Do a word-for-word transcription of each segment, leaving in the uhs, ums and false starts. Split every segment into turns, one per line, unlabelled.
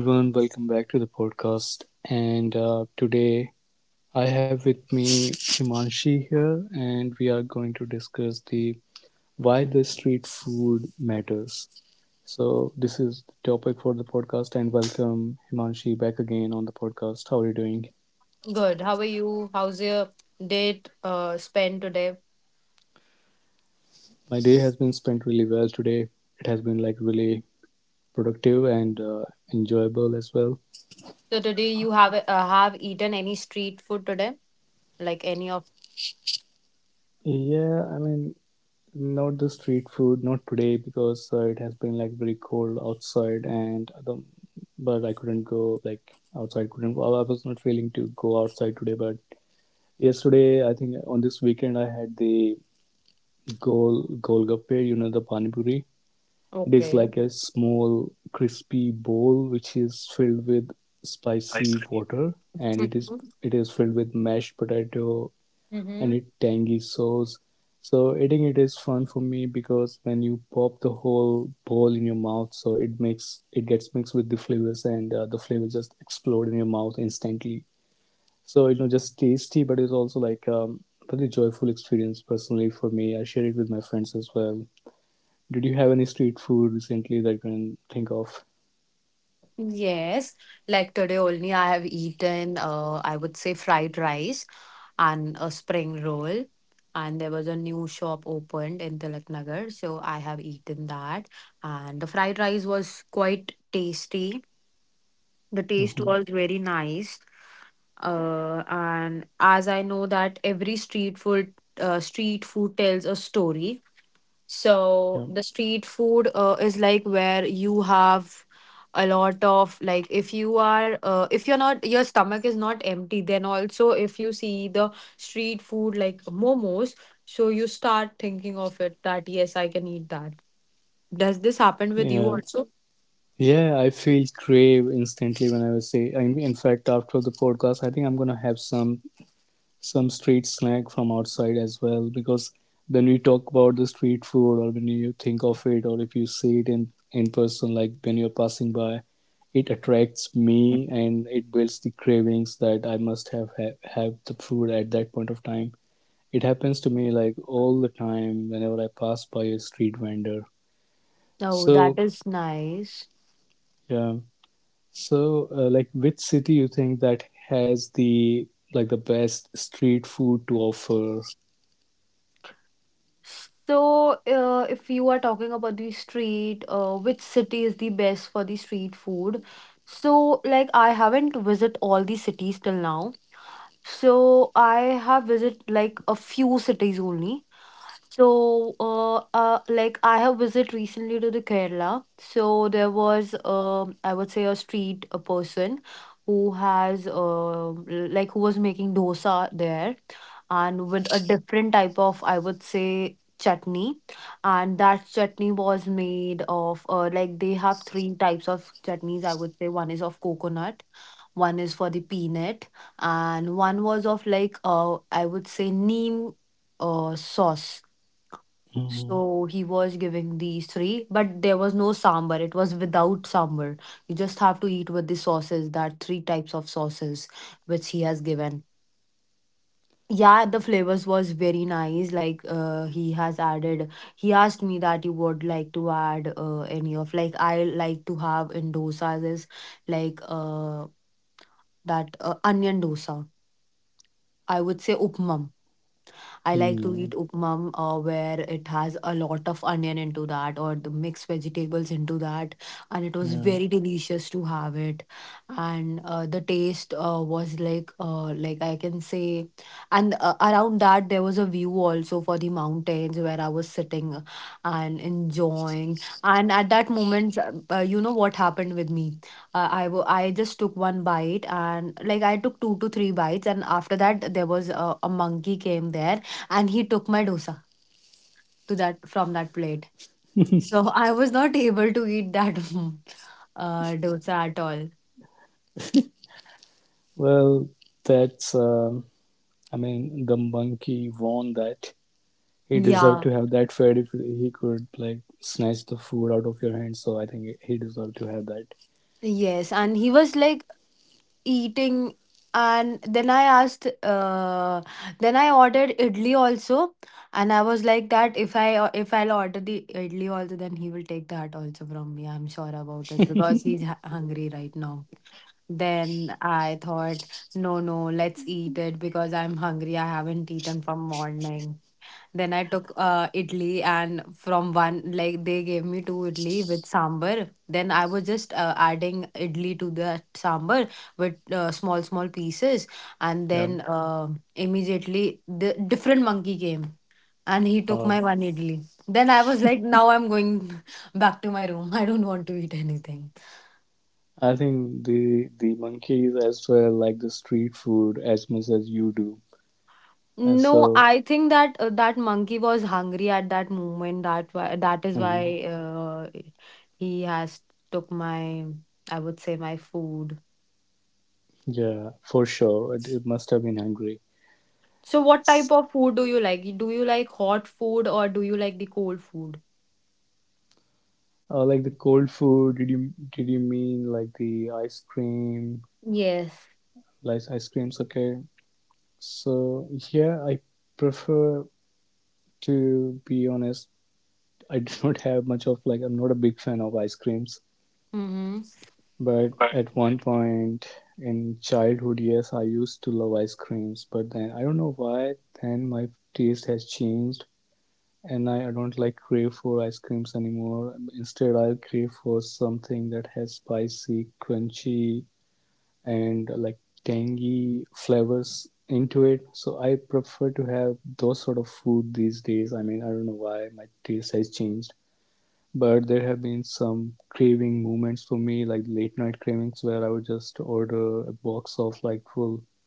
Hi everyone, welcome back to the podcast. And uh, today I have with me Himanshi here, and we are going to discuss the why the street food matters. So this is the topic for the podcast, and welcome Himanshi back again on the podcast. How are you doing?
Good. How are you? How's your date uh, spent today?
My day has been spent really well today. It has been like really productive and uh, enjoyable as well.
So today you have uh, have eaten any street food today? Like any of
Yeah, I mean, not the street food, not today because uh, it has been like very cold outside, and the but I couldn't go like outside. Couldn't go. I was not feeling to go outside today. But yesterday, I think on this weekend, I had the gol golgappe. You know, the pani puri. It
Okay.
is like a small crispy bowl which is filled with
I see.
spicy water, and
Mm-hmm.
it is it is filled with mashed potato,
Mm-hmm.
and it tangy sauce. So eating it is fun for me because when you pop the whole bowl in your mouth, so it makes it gets mixed with the flavors, and uh, the flavors just explode in your mouth instantly. So you know, just tasty, but it's also like um, really joyful experience personally for me. I share it with my friends as well. Did you have any street food recently that you can think of?
Yes. Like today only I have eaten uh I would say fried rice and a spring roll. And there was a new shop opened in Tilaknagar. So I have eaten that. And the fried rice was quite tasty. The taste was
Hmm.
very nice. uh, and as I know that every street food uh, street food tells a story. So the
Yeah.
street food uh, is like where you have a lot of like if you are uh, if you're not, your stomach is not empty, then also if you see the street food like momos, so you start thinking of it that yes, I can eat that. Does this happen with you
Yeah.
also?
Yeah, I feel crave instantly when I was say. I mean, in fact, after the podcast, I think I'm gonna have some some street snack from outside as well, because when we talk about the street food, or when you think of it, or if you see it in in person, like when you're passing by, it attracts me and it builds the cravings that I must have ha- have the food at that point of time. It happens to me like all the time, whenever I pass by a street vendor.
Oh, that is
So
nice.
yeah. So, uh, like, which city you think that has the like the best street food to offer?
So, uh, if you are talking about the street, uh, which city is the best for the street food? So, like, I haven't visit all the cities till now. So I have visited like a few cities only. So uh, uh like I have visited recently to the Kerala. So there was um I would say a street a person who has um like who was making dosa there, and with a different type of I would say chutney. And that chutney was made of uh, like they have three types of chutneys, I would say. One is of coconut, one is for the peanut, and one was of like uh I would say neem uh sauce. So
Mhm.
he was giving these three, but there was no sambar. It was without sambar. You just have to eat with the sauces, that three types of sauces which he has given. Yeah, the flavors was very nice. Like uh, he has added, he asked me that you would like to add uh, any of like I like to have in dosas is like uh that uh, onion dosa. I would say upmam, I like to eat
Hmm.
upmam uh, where it has a lot of onion into that or the mixed vegetables into that. And it was very
Yeah.
delicious to have it. And uh, the taste uh, was like, uh, like I can say, and uh, around that there was a view also for the mountains where I was sitting and enjoying. And at that moment, uh, uh, you know what happened with me? uh, I wa- I just took one bite, and like I took two to three bites, and after that there was a, a monkey came there and he took my dosa to that from that plate. So I was not able to eat that uh, dosa at all.
Well, that's. Um I mean, the monkey won that. He
Yeah.
deserved to have that fed if he could like snatch the food out of your hand. So I think he deserved to have that.
Yes, and he was like eating, and then I asked, uh, then I ordered idli also, and I was like that if I o- if I'll order the idli also, then he will take that also from me. I'm sure about it because he's hu- hungry right now. Then I thought, no, no, let's eat it because I'm hungry. I haven't eaten from morning. Then I took uh, idli, and from one, like they gave me two idli with sambar. Then I was just uh, adding idli to that sambar with uh, small, small pieces. And then
Yeah.
uh, immediately the different monkey came and he took my
Um,
one idli. Then I was like, now I'm going back to my room. I don't want to eat anything.
I think the the monkeys as well like the street food as much as you do. And
No, I
so.
think that uh, that monkey was hungry at that moment. That why that is why
Mhm.
uh, he has took my, I would say my food.
Yeah, for sure, it, it must have been hungry.
So what type of
S-
food do you like? Do you like hot food or do you like the cold food?
Uh, like the cold food. Did you did you mean like the ice cream?
Yes.
Like ice creams? Okay. So yeah, I prefer, to be honest. I do not have much of. Like, I'm not a big fan of ice creams,
Mm-hmm.
but
Right.
at one point in childhood, yes, I used to love ice creams, but then I don't know why. Then my taste has changed, and I, I don't like crave for ice creams anymore. Instead, I crave for something that has spicy, crunchy, and uh, like tangy flavors into it. So I prefer to have those sort of food these days. I mean, I don't know why my taste has changed, but there have been some craving moments for me, like late night cravings, where I would just order a box of like full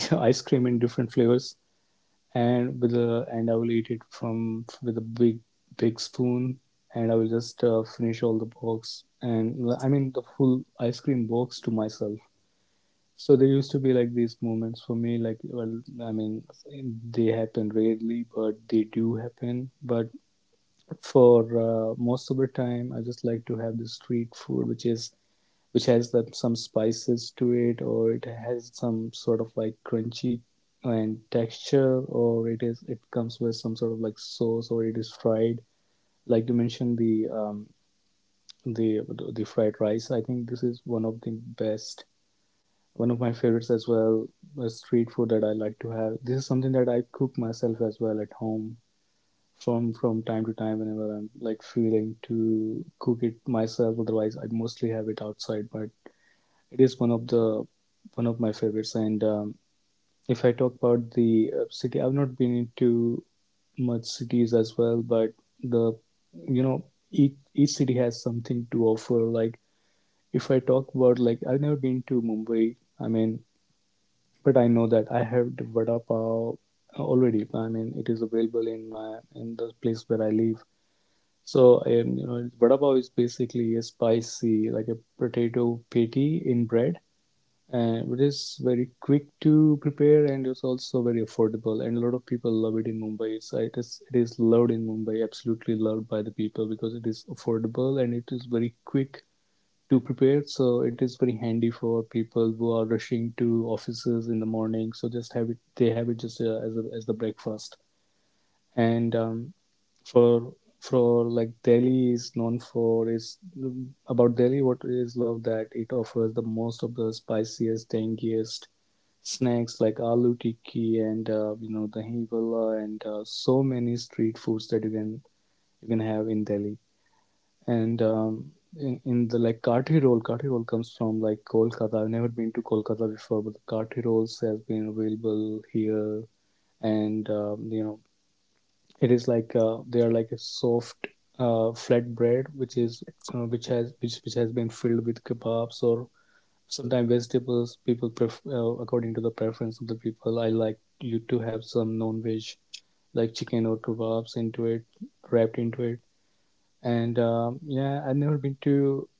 like ice cream in different flavors, and with a and I will eat it from with a big big spoon, and I will just uh, finish all the box, and I mean the full ice cream box to myself. So there used to be like these moments for me, like, well, I mean, they happen rarely, but they do happen. But for uh, most of the time, I just like to have the street food, which is which has that some spices to it, or it has some sort of like crunchy and texture, or it is it comes with some sort of like sauce, or it is fried. Like you mentioned the um the the fried rice. I think this is one of the best one of my favorites as well, a street food that I like to have. This is something that I cook myself as well at home from from time to time, whenever I'm like feeling to cook it myself. Otherwise, I mostly have it outside, but it is one of the one of my favorites. And um, if I talk about the uh, city, I've not been into much cities as well, but the you know each each city has something to offer. Like if I talk about, like, I've never been to Mumbai. I mean, but I know that I have the vada pav already. I mean, it is available in my in the place where I live. So, um, you know, vada pav is basically a spicy, like a potato patty in bread, and it is very quick to prepare, and it's also very affordable. And a lot of people love it in Mumbai. So it is it is loved in Mumbai, absolutely loved by the people because it is affordable and it is very quick to prepare. So it is very handy for people who are rushing to offices in the morning. So just have it; they have it just uh, as a, as the breakfast. And um, for for like Delhi is known for is about Delhi. What is loved that it offers the most of the spiciest, tangiest snacks like aloo tikki, and uh, you know the hivala, and uh, so many street foods that you can you can have in Delhi, and um, in, in the like Kathi roll, Kathi roll comes from like Kolkata. I've never been to Kolkata before, but the Kathi rolls has been available here, and um, you know it is like uh, they are like a soft uh, flat bread, which is uh, which has which which has been filled with kebabs or sometimes vegetables. People, pref- uh, according to the preference of the people. I like you to have some non-veg like chicken or kebabs into it, wrapped into it, and um, yeah, I've never been to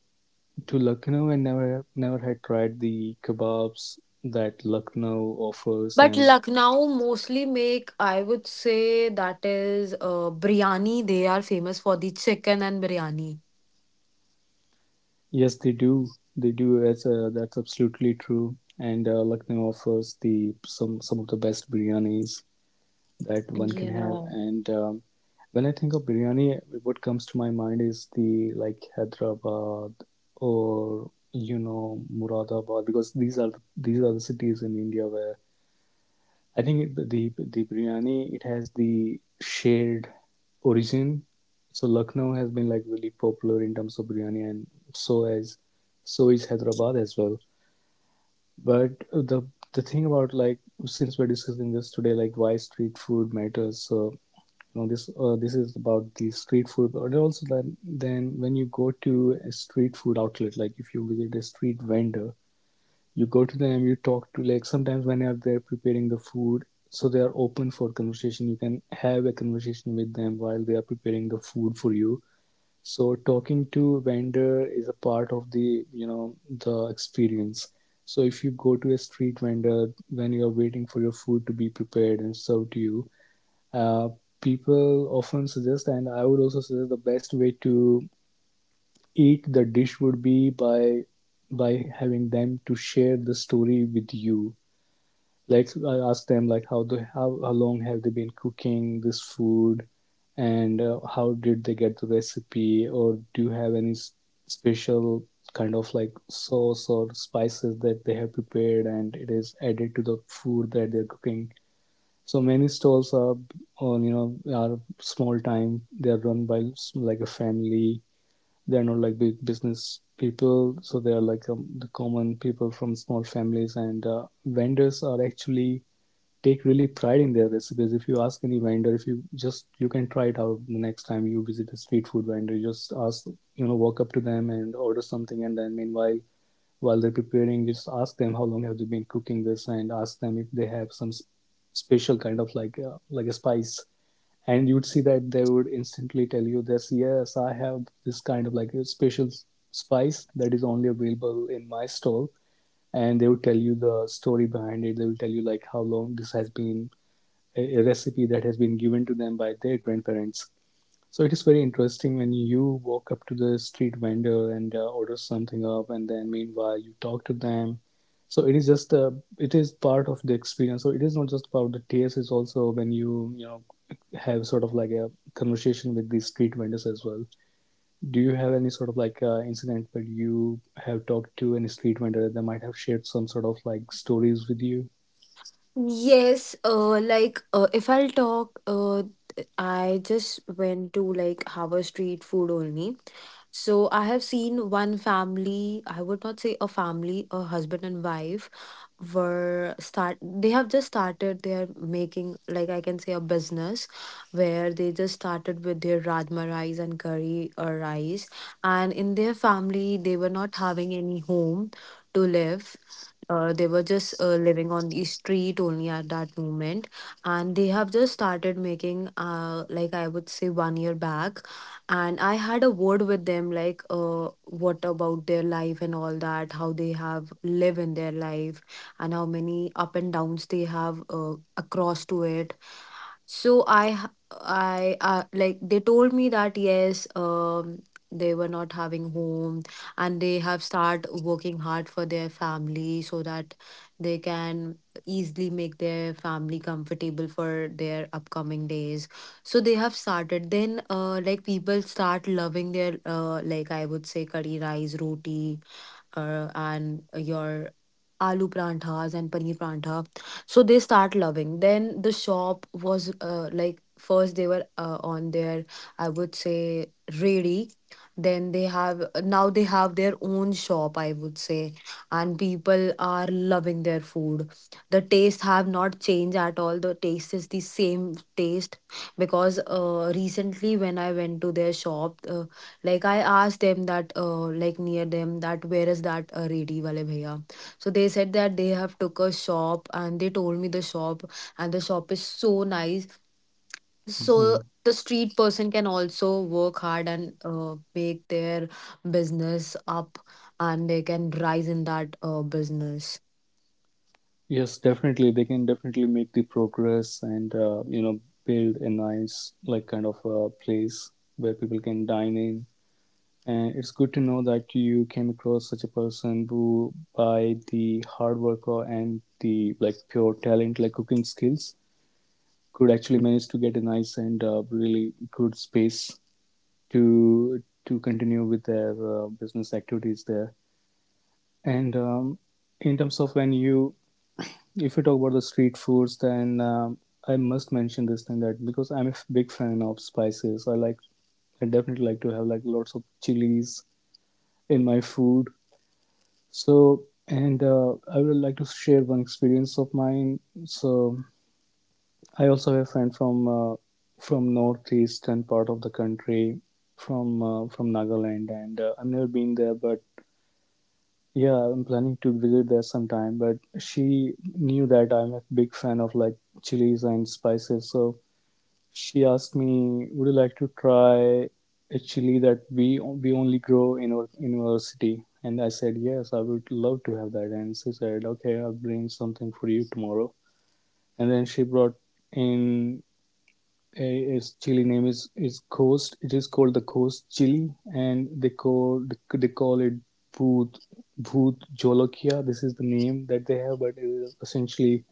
to Lucknow, and never never had tried the kebabs that Lucknow offers.
But
And
Lucknow mostly make, I would say, that is uh, biryani. They are famous for the chicken and biryani.
yes, they do. They do. That's uh, that's absolutely true. And uh, Lucknow offers the some some of the best biryanis that one can have.
Yeah.
And um, when I think of biryani, what comes to my mind is the like Hyderabad, or you know Muradabad, because these are these are the cities in India where I think the the biryani it has the shared origin. So Lucknow has been like really popular in terms of biryani, and so as so is Hyderabad as well. But the the thing about, like, since we're discussing this today, like, why street food matters. So you know this uh, this is about the street food, but also then then when you go to a street food outlet, like if you visit a street vendor, you go to them, you talk to, like, sometimes when they're preparing the food, so they are open for conversation. You can have a conversation with them while they are preparing the food for you, so talking to vendor is a part of the, you know, the experience. So if you go to a street vendor when you're waiting for your food to be prepared and served to you, uh, people often suggest, and I would also suggest, the best way to eat the dish would be by by having them to share the story with you, like I asked them like how they how, how long have they been cooking this food, and uh, how did they get the recipe, or do you have any s- special kind of like sauce or spices that they have prepared and it is added to the food that they're cooking. So many stalls are on you know are small time, they are run by s- like a family. They're not like big business people, so they are like um, the common people from small families, and uh, vendors are actually take really pride in their recipes. If you ask any vendor, if you just you can try it out the next time you visit a street food vendor, just ask, you know walk up to them and order something, and then meanwhile, while they're preparing, just ask them how long have they been cooking this, and ask them if they have some s- special kind of like uh, like a spice. And you'd see that they would instantly tell you this. Yes, I have this kind of like a special spice that is only available in my stall, and they would tell you the story behind it, they will tell you like how long this has been a, a recipe that has been given to them by their grandparents. So it is very interesting when you walk up to the street vendor and uh, order something up, and then meanwhile you talk to them. So it is just uh, it is part of the experience. So it is not just about the taste; it's also when you you know have sort of like a conversation with these street vendors as well. Do you have any sort of like uh, incident where you have talked to any street vendor that they might have shared some sort of like stories with you?
Yes, uh, like uh, if I'll talk, uh, I just went to like Harbour Street food only. So I have seen one family, I would not say a family, a husband and wife were start they have just started their making, like I can say a business, where they just started with their rajma rice and curry or rice. And in their family they were not having any home to live. Uh, they were just uh, living on the street only at that moment, and they have just started making, uh, like I would say, one year back. And I had a word with them, like, uh, what about their life, and all that, how they have live in their life and how many up and downs they have uh, across to it. So I h- I uh, like they told me that yes, um they were not having home, and they have start working hard for their family so that they can easily make their family comfortable for their upcoming days. So they have started, then, uh, like people start loving their, uh, like I would say, curry, rice, roti uh, and your aloo paranthas and paneer parantha. So they start loving, then the shop was, uh, like first they were uh, on their, I would say, ready. Then they have Now they have their own shop, I would say, and people are loving their food. The taste have not changed at all. The taste is the same taste because uh, recently when I went to their shop, uh, like I asked them that, uh, like near them, that where is that uh, ready wale bhaiya. So they said that they have took a shop and they told me the shop, and the shop is so nice. So
Mhm.
the street person can also work hard and uh, make their business up, and they can rise in that uh, business.
Yes, definitely. They can definitely make the progress and, uh, you know, build a nice, like, kind of a place where people can dine in. And it's good to know that you came across such a person who, by the hard work or and the like pure talent, like cooking skills, could actually manage to get a nice and uh, really good space to to continue with their uh, business activities there. And um, in terms of when you If we talk about the street foods, then um, I must mention this thing that because I'm a f- big fan of spices, I like I definitely like to have like lots of chilies in my food. So and uh, I would like to share one experience of mine. So I also have a friend from uh, from northeastern part of the country, from uh, from Nagaland, and uh, I've never been there, but yeah, I'm planning to visit there sometime. But she knew that I'm a big fan of like chilies and spices, so she asked me, "Would you like to try a chili that we we only grow in our in our city?" And I said, "Yes, I would love to have that." And she said, "Okay, I'll bring something for you tomorrow." And then she brought in a, a chili name is is Coast. It is called the Coast chili, and they call they call it Bhut Bhut Jolokia. This is the name that they have, but it is essentially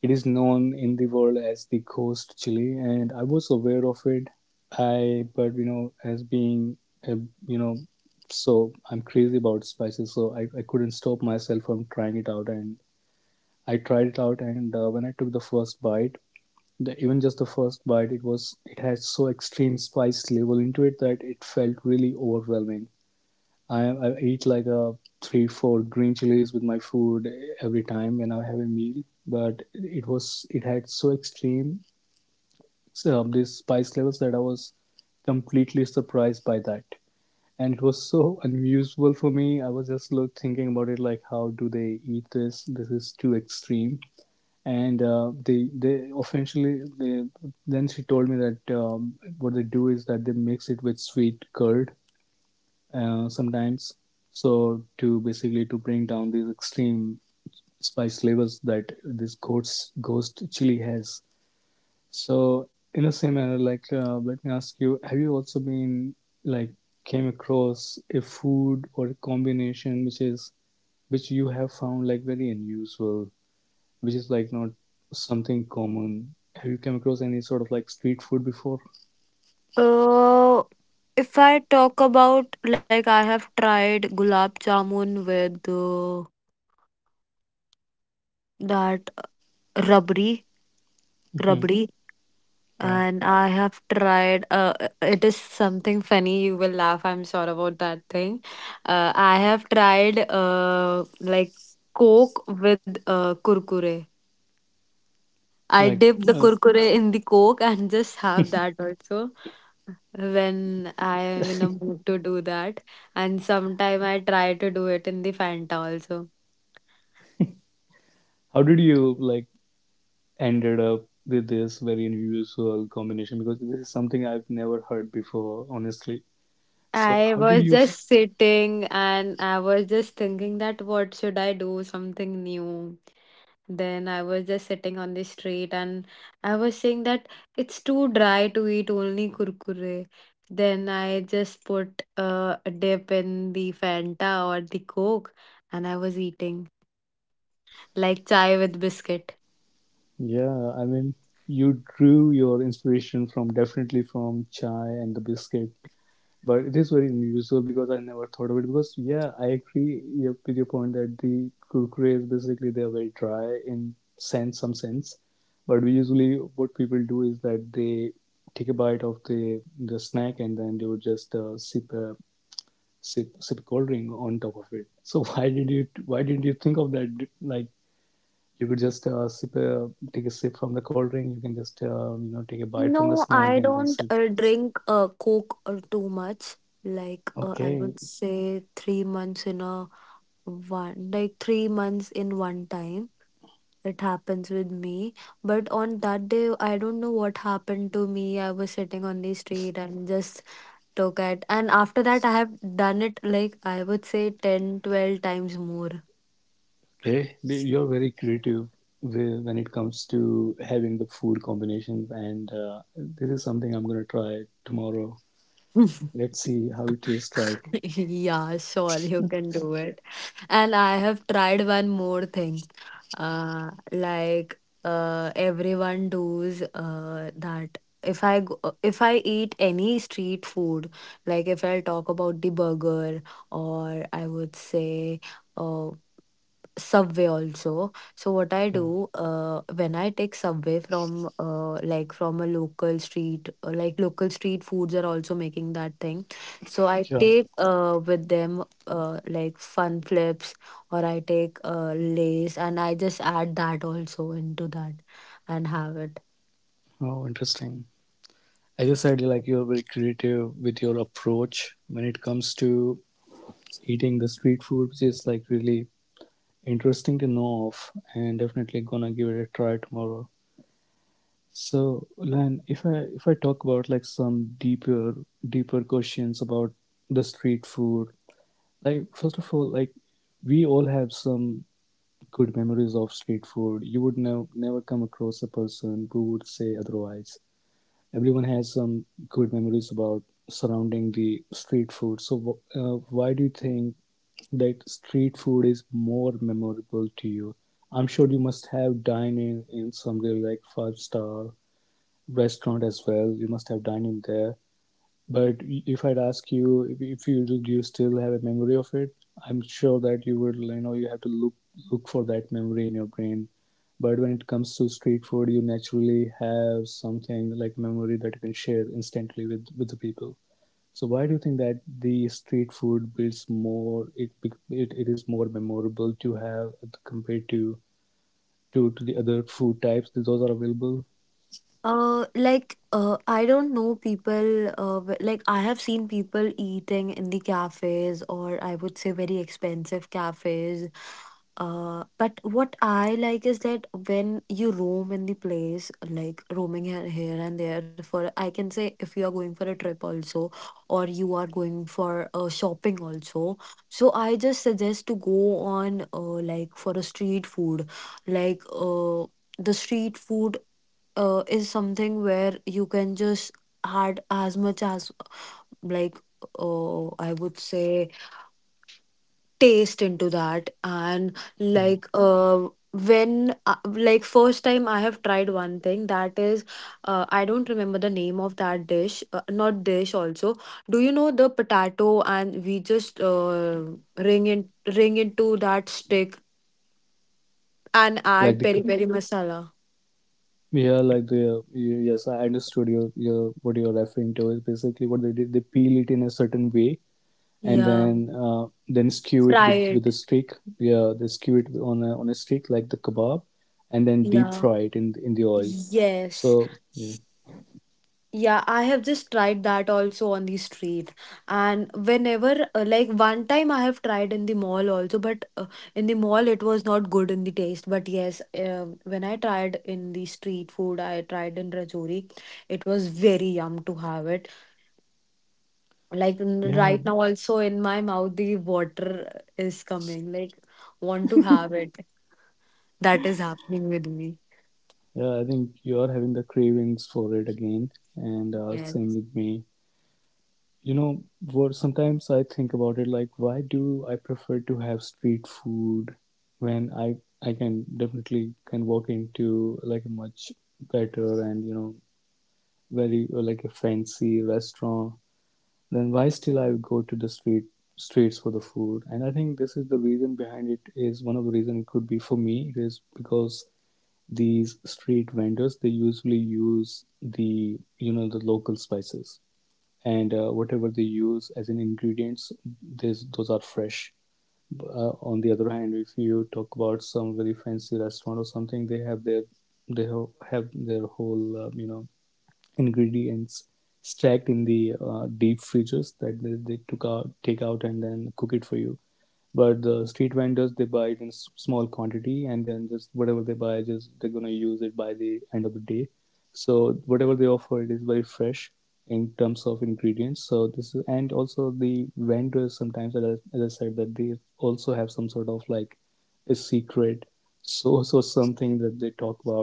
it is known in the world as the ghost chili, and I was aware of it. I, but you know, as being a, you know, so I'm crazy about spices, so I, I couldn't stop myself from trying it out. And I tried it out, and uh, when I took the first bite, the, even just the first bite, it was it had so extreme spice level into it that it felt really overwhelming. I I eat like a three four green chilies with my food every time when I have a meal. But it was it had so extreme so, um, these spice levels that I was completely surprised by that, and it was so unusual for me. I was just look thinking about it like how do they eat this? This is too extreme. And uh, they they eventually they, then she told me that um, what they do is that they mix it with sweet curd uh, sometimes. So to basically to bring down these extreme spice levels that this ghost ghost chili has. So in the same manner, like uh, let me ask you, have you also been like came across a food or a combination which is which you have found like very unusual, which is like not something common? Have you come across any sort of like street food before?
Uh, if I talk about, like, I have tried gulab jamun with uh, that uh, rabri,
Hmm.
rabri.
Yeah.
And I have tried, uh, uh, it is something funny. You will laugh, I'm sure about that thing. Uh, I have tried uh, like Coke with uh, Kurkure. I
Like,
dip the
well,
Kurkure in the Coke and just have that also when I am in a mood to do that. And sometime I try to do it in the Fanta also.
how did you like ended up with this very unusual combination, because this is something I've never heard before, honestly. So,
I
how did you?
was
F-
just sitting and I was just thinking that what should I do? Something new. Then I was just sitting on the street and I was saying that it's too dry to eat only kurkure. Then I just put uh, a dip in the Fanta or the Coke, and I was eating like chai with biscuit.
yeah, I mean, you drew your inspiration from definitely from chai and the biscuit, but it is very unusual because I never thought of it. Because yeah, I agree yep, with your point that the kurkures basically they are very dry in sense some sense, but we usually what people do is that they take a bite of the the snack and then they would just uh, sip a sip sip cold drink on top of it. So why did you why didn't you think of that? Like you could just uh, sip a, take a sip from the cold drink. You can just uh, you know take a bite from the
No,
snack
I
and then sip.
don't uh, drink uh, Coke uh, too much. Like, uh, I
Okay,
would say three months in a one, like three months in one time. It happens with me. But on that day, I don't know what happened to me. I was sitting on the street and just took it. And after that, I have done it, like I would say, ten, twelve times more.
okay, you're very creative with when it comes to having the food combinations, and uh, this is something I'm gonna try tomorrow. Let's see how it tastes like.
Yeah, sure, you can do it. And I have tried one more thing. Uh, like uh, everyone does, uh, that if I go, if I eat any street food, like if I talk about the burger or I would say uh, Subway also. So what I
Yeah,
do, uh, when I take Subway from uh, like from a local street, uh, like local street foods are also making that thing. So I
yeah.
take uh with them uh like Fun Flips, or I take uh Lays and I just add that also into that and have it.
Oh, interesting. As I said, like you're very creative with your approach when it comes to eating the street food, which is like really interesting to know of, and definitely gonna give it a try tomorrow. So, Lan, if I if I talk about like some deeper deeper questions about the street food, like first of all, like we all have some good memories of street food. You would never never come across a person who would say otherwise. Everyone has some good memories about surrounding the street food. So, wh- uh, why do you think that street food is more memorable to you? I'm sure you must have dined in, in some really like five star restaurant as well. You must have dined in there. But if I'd ask you if, if you do you still have a memory of it, I'm sure that you would you know you have to look look for that memory in your brain. But when it comes to street food, you naturally have something like memory that you can share instantly with with the people. So why do you think that the street food builds more it bec- it, it is more memorable to have compared to to, to the other food types that those are available?
Uh, like uh, I don't know people. Uh, w- like I have seen people eating in the cafes, or I would say very expensive cafes. Uh, but what I like is that when you roam in the place, like roaming here, here and there, for, I can say, if you are going for a trip also, or you are going for uh, shopping also. So I just suggest to go on, uh, like for a street food, like uh the street food uh, is something where you can just add as much as like, uh, I would say, taste into that, and
Hmm.
like uh when, uh, like first time I have tried one thing that is, uh, I don't remember the name of that dish, uh, not dish also. Do you know the potato and we just uh, ring in ring into that stick and
Like the
add
c-
peri peri masala,
yeah, like the y- yes, I understood your your what you're referring to is basically what they did. They peel it in a certain way and
yeah,
then uh, then skew it with
fry
with a
it,
stick. Yeah, they skew it on a on a stick like the kebab, and then deep fry
yeah.
it in in the oil.
Yes.
So yeah.
Yeah, I have just tried that also on the street. And whenever, uh, like one time I have tried in the mall also, but uh, in the mall it was not good in the taste. But yes, uh, when I tried in the street food, I tried in Rajouri, it was very yum to have it. Like n-
Yeah,
right now, also in my mouth, the water is coming. Like, want to have it. That is happening with me.
Yeah, I think you are having the cravings for it again, and uh, same
Yes.
with me. You know, what sometimes I think about it like, why do I prefer to have street food when I I can definitely can walk into like a much better and you know very uh, like a fancy restaurant? Then why still I go to the street streets for the food? And I think this is the reason behind it is one of the reason it could be for me it is because these street vendors they usually use the you know the local spices and uh, whatever they use as an ingredients those are fresh. Uh, on the other hand, if you talk about some very fancy restaurant or something, they have their they have their whole uh, you know ingredients stacked in the uh, deep freezers that they, they took out take out and then cook it for you, but the street vendors they buy it in s- small quantity, and then just whatever they buy, just they're gonna use it by the end of the day. So whatever they offer, it is very fresh in terms of ingredients. So this is, and also the vendors sometimes, as I, as I said, that they also have some sort of like a secret source or something that they talk about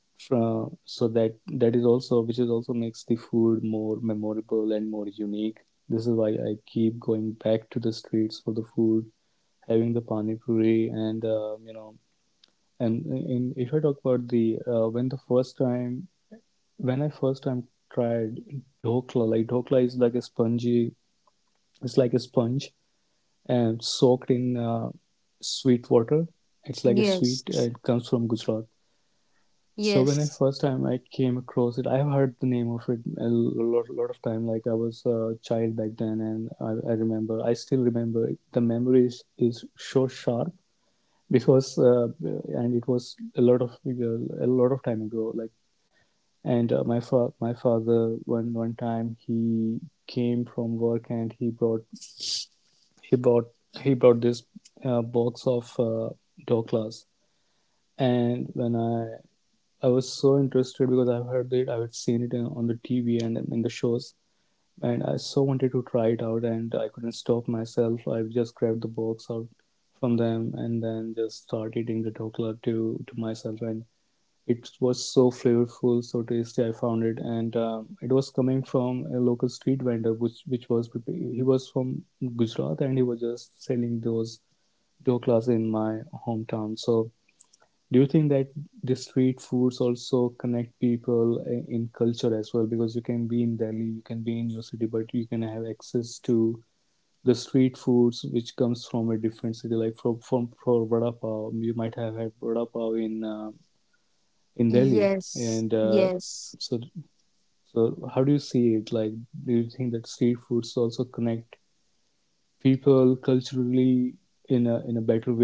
from, so that that is also which is also makes the food more memorable and more unique. This is why I keep going back to the streets for the food, having the pani puri and uh, you know. And in if I talk about the uh, when the first time when I first time tried dhokla, like dhokla is like a spongy, it's like a sponge and soaked in uh, sweet water. It's like a sweet uh, it
Yes.
comes from Gujarat. So when I first
Yes.
time I came across it, I've heard the name of it a lot, lot of time. Like I was a child back then, and I, I remember, I still remember. The memory is, is so sharp because uh, and it was a lot of a lot of time ago like and uh, my fa- my father one one time he came from work and he brought he brought he brought this uh, box of uh, Doklas. And when I I was so interested because I've heard it I have seen it in, on the T V and in the shows, and I so wanted to try it out and I couldn't stop myself. I just grabbed the box out from them and then just started eating the Dokla to to myself. And it was so flavorful, so tasty. I found it, and um, it was coming from a local street vendor, which which was prepa- he was from Gujarat, and he was just selling those doklas in my hometown. So, do you think that the street foods also connect people i- in culture as well? Because you can be in Delhi, you can be in your city, but you can have access to the street foods which comes from a different city, like from from for vada pav, you might have had vada pav in uh, in Delhi. And
Yes,
uh, so,
yes.
so how do you see it? Like, do you think that street foods also connect people culturally in a in a better way?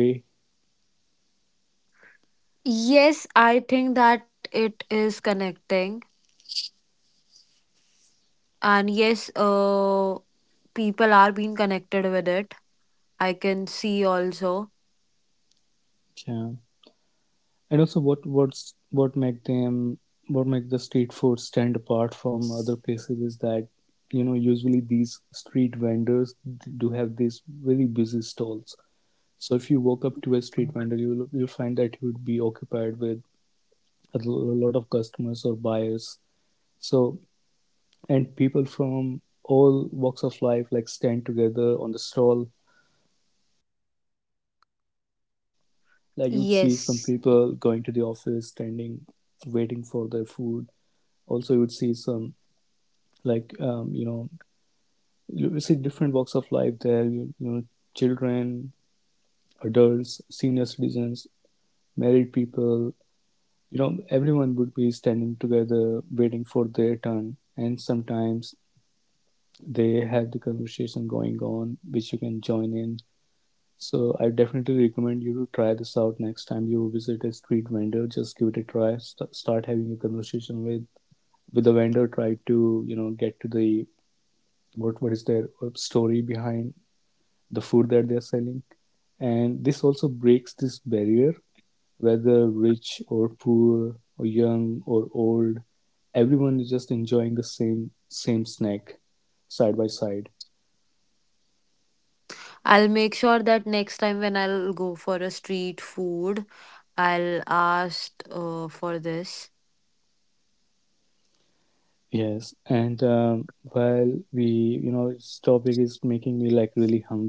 Yes, I think that it is connecting. And yes, uh, people are being connected with it. I can see also.
Yeah. And also, what what's what make them what make the street food stand apart from other places is that you know usually these street vendors do have these really busy stalls. So if you walk up to a street vendor, you'll you'll find that you would be occupied with a l- a lot of customers or buyers. So and people from all walks of life like stand together on the stall. Like you'd see some
Yes.
people going to the office, standing, waiting for their food. Also, you'd see some like um, you know you see different walks of life there. You, you know, children, adults, senior citizens, married people. You know, everyone would be standing together, waiting for their turn. And sometimes they have the conversation going on, which you can join in. So I definitely recommend you to try this out next time you visit a street vendor. Just give it a try. St- start having a conversation with with the vendor. Try to you know get to the what what is their uh, story behind the food that they are selling. And this also breaks this barrier, whether rich or poor or young or old, everyone is just enjoying the same same snack side by side.
I'll make sure that next time when I'll go for a street food, I'll ask uh, for this.
Yes, and um, while we, you know, this topic is making me like really hungry.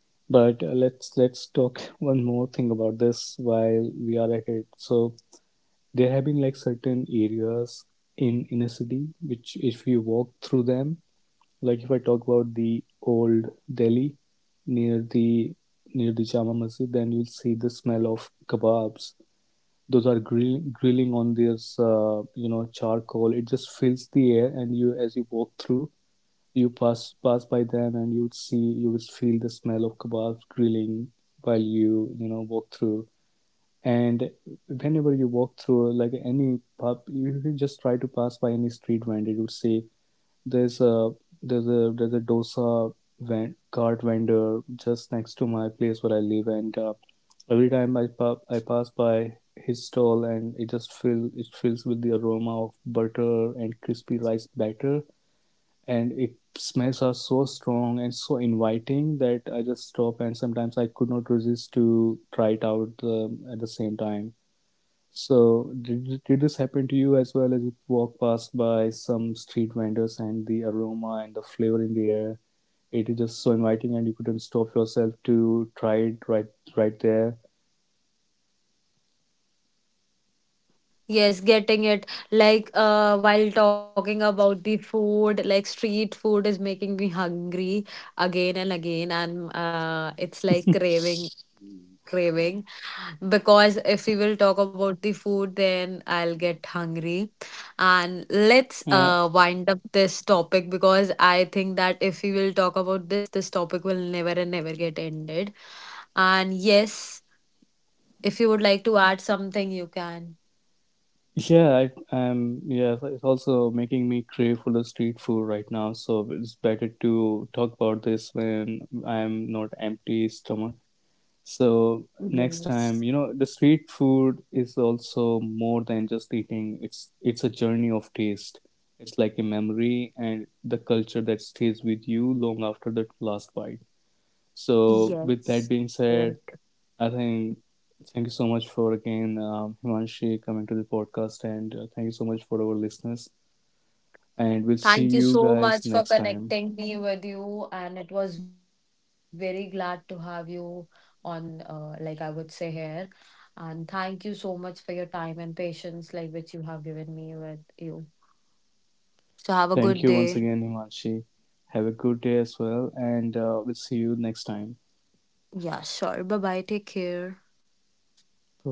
But uh, let's let's talk one more thing about this while we are at it. So there have been like certain areas in in a city which, if you walk through them, like if I talk about the old Delhi near the near the Jama Masjid, then you'll see the smell of kebabs those are grill, grilling on this uh, you know charcoal. It just fills the air, and you as you walk through you pass pass by them, and you would see you would feel the smell of kebabs grilling while you you know walk through. And whenever you walk through like any pub, you, you just try to pass by any street vendor, you would say there's a there's a there's a dosa van, cart vendor just next to my place where I live, and uh, every time I pa- I pass by his stall, and it just fill it fills with the aroma of butter and crispy rice batter, and it smells are so strong and so inviting that I just stop, and sometimes I could not resist to try it out um, at the same time. So, did, did this happen to you as well as you walk past by some street vendors and the aroma and the flavor in the air? It is just so inviting, and you couldn't stop yourself to try it right right there.
Yes, getting it. Like, uh, while talking about the food, like street food is making me hungry again and again, and uh, it's like craving, craving, because if we will talk about the food then I'll get hungry. And
Yeah,
let's uh wind up this topic, because I think that if we will talk about this this topic will never and never get ended. And yes, if you would like to add something, you can.
yeah, I, um, yeah. It's also making me crave for the street food right now. So it's better to talk about this when I'm not empty stomach. So next time, you know,
Yes.
the street food is also more than just eating. It's it's a journey of taste. It's like a memory and the culture that stays with you long after the last bite. So with that being
Yes.
said,
Correct.
I think thank you so much for again um, Himanshi coming to the podcast, and uh, thank you so much for our listeners. And we'll see you
Thank you
guys
so
next
much for
time.
connecting me with you, and it was very glad to have you on, uh, like I would say, here. And thank you so much for your time and patience, like which you have given me with you. So
Thank
have a
you once
good
again,
day.
Himanshi. Have a good day as well, and uh, we'll see you next time.
Yeah, sure. Bye bye. Take care.
Bye bye.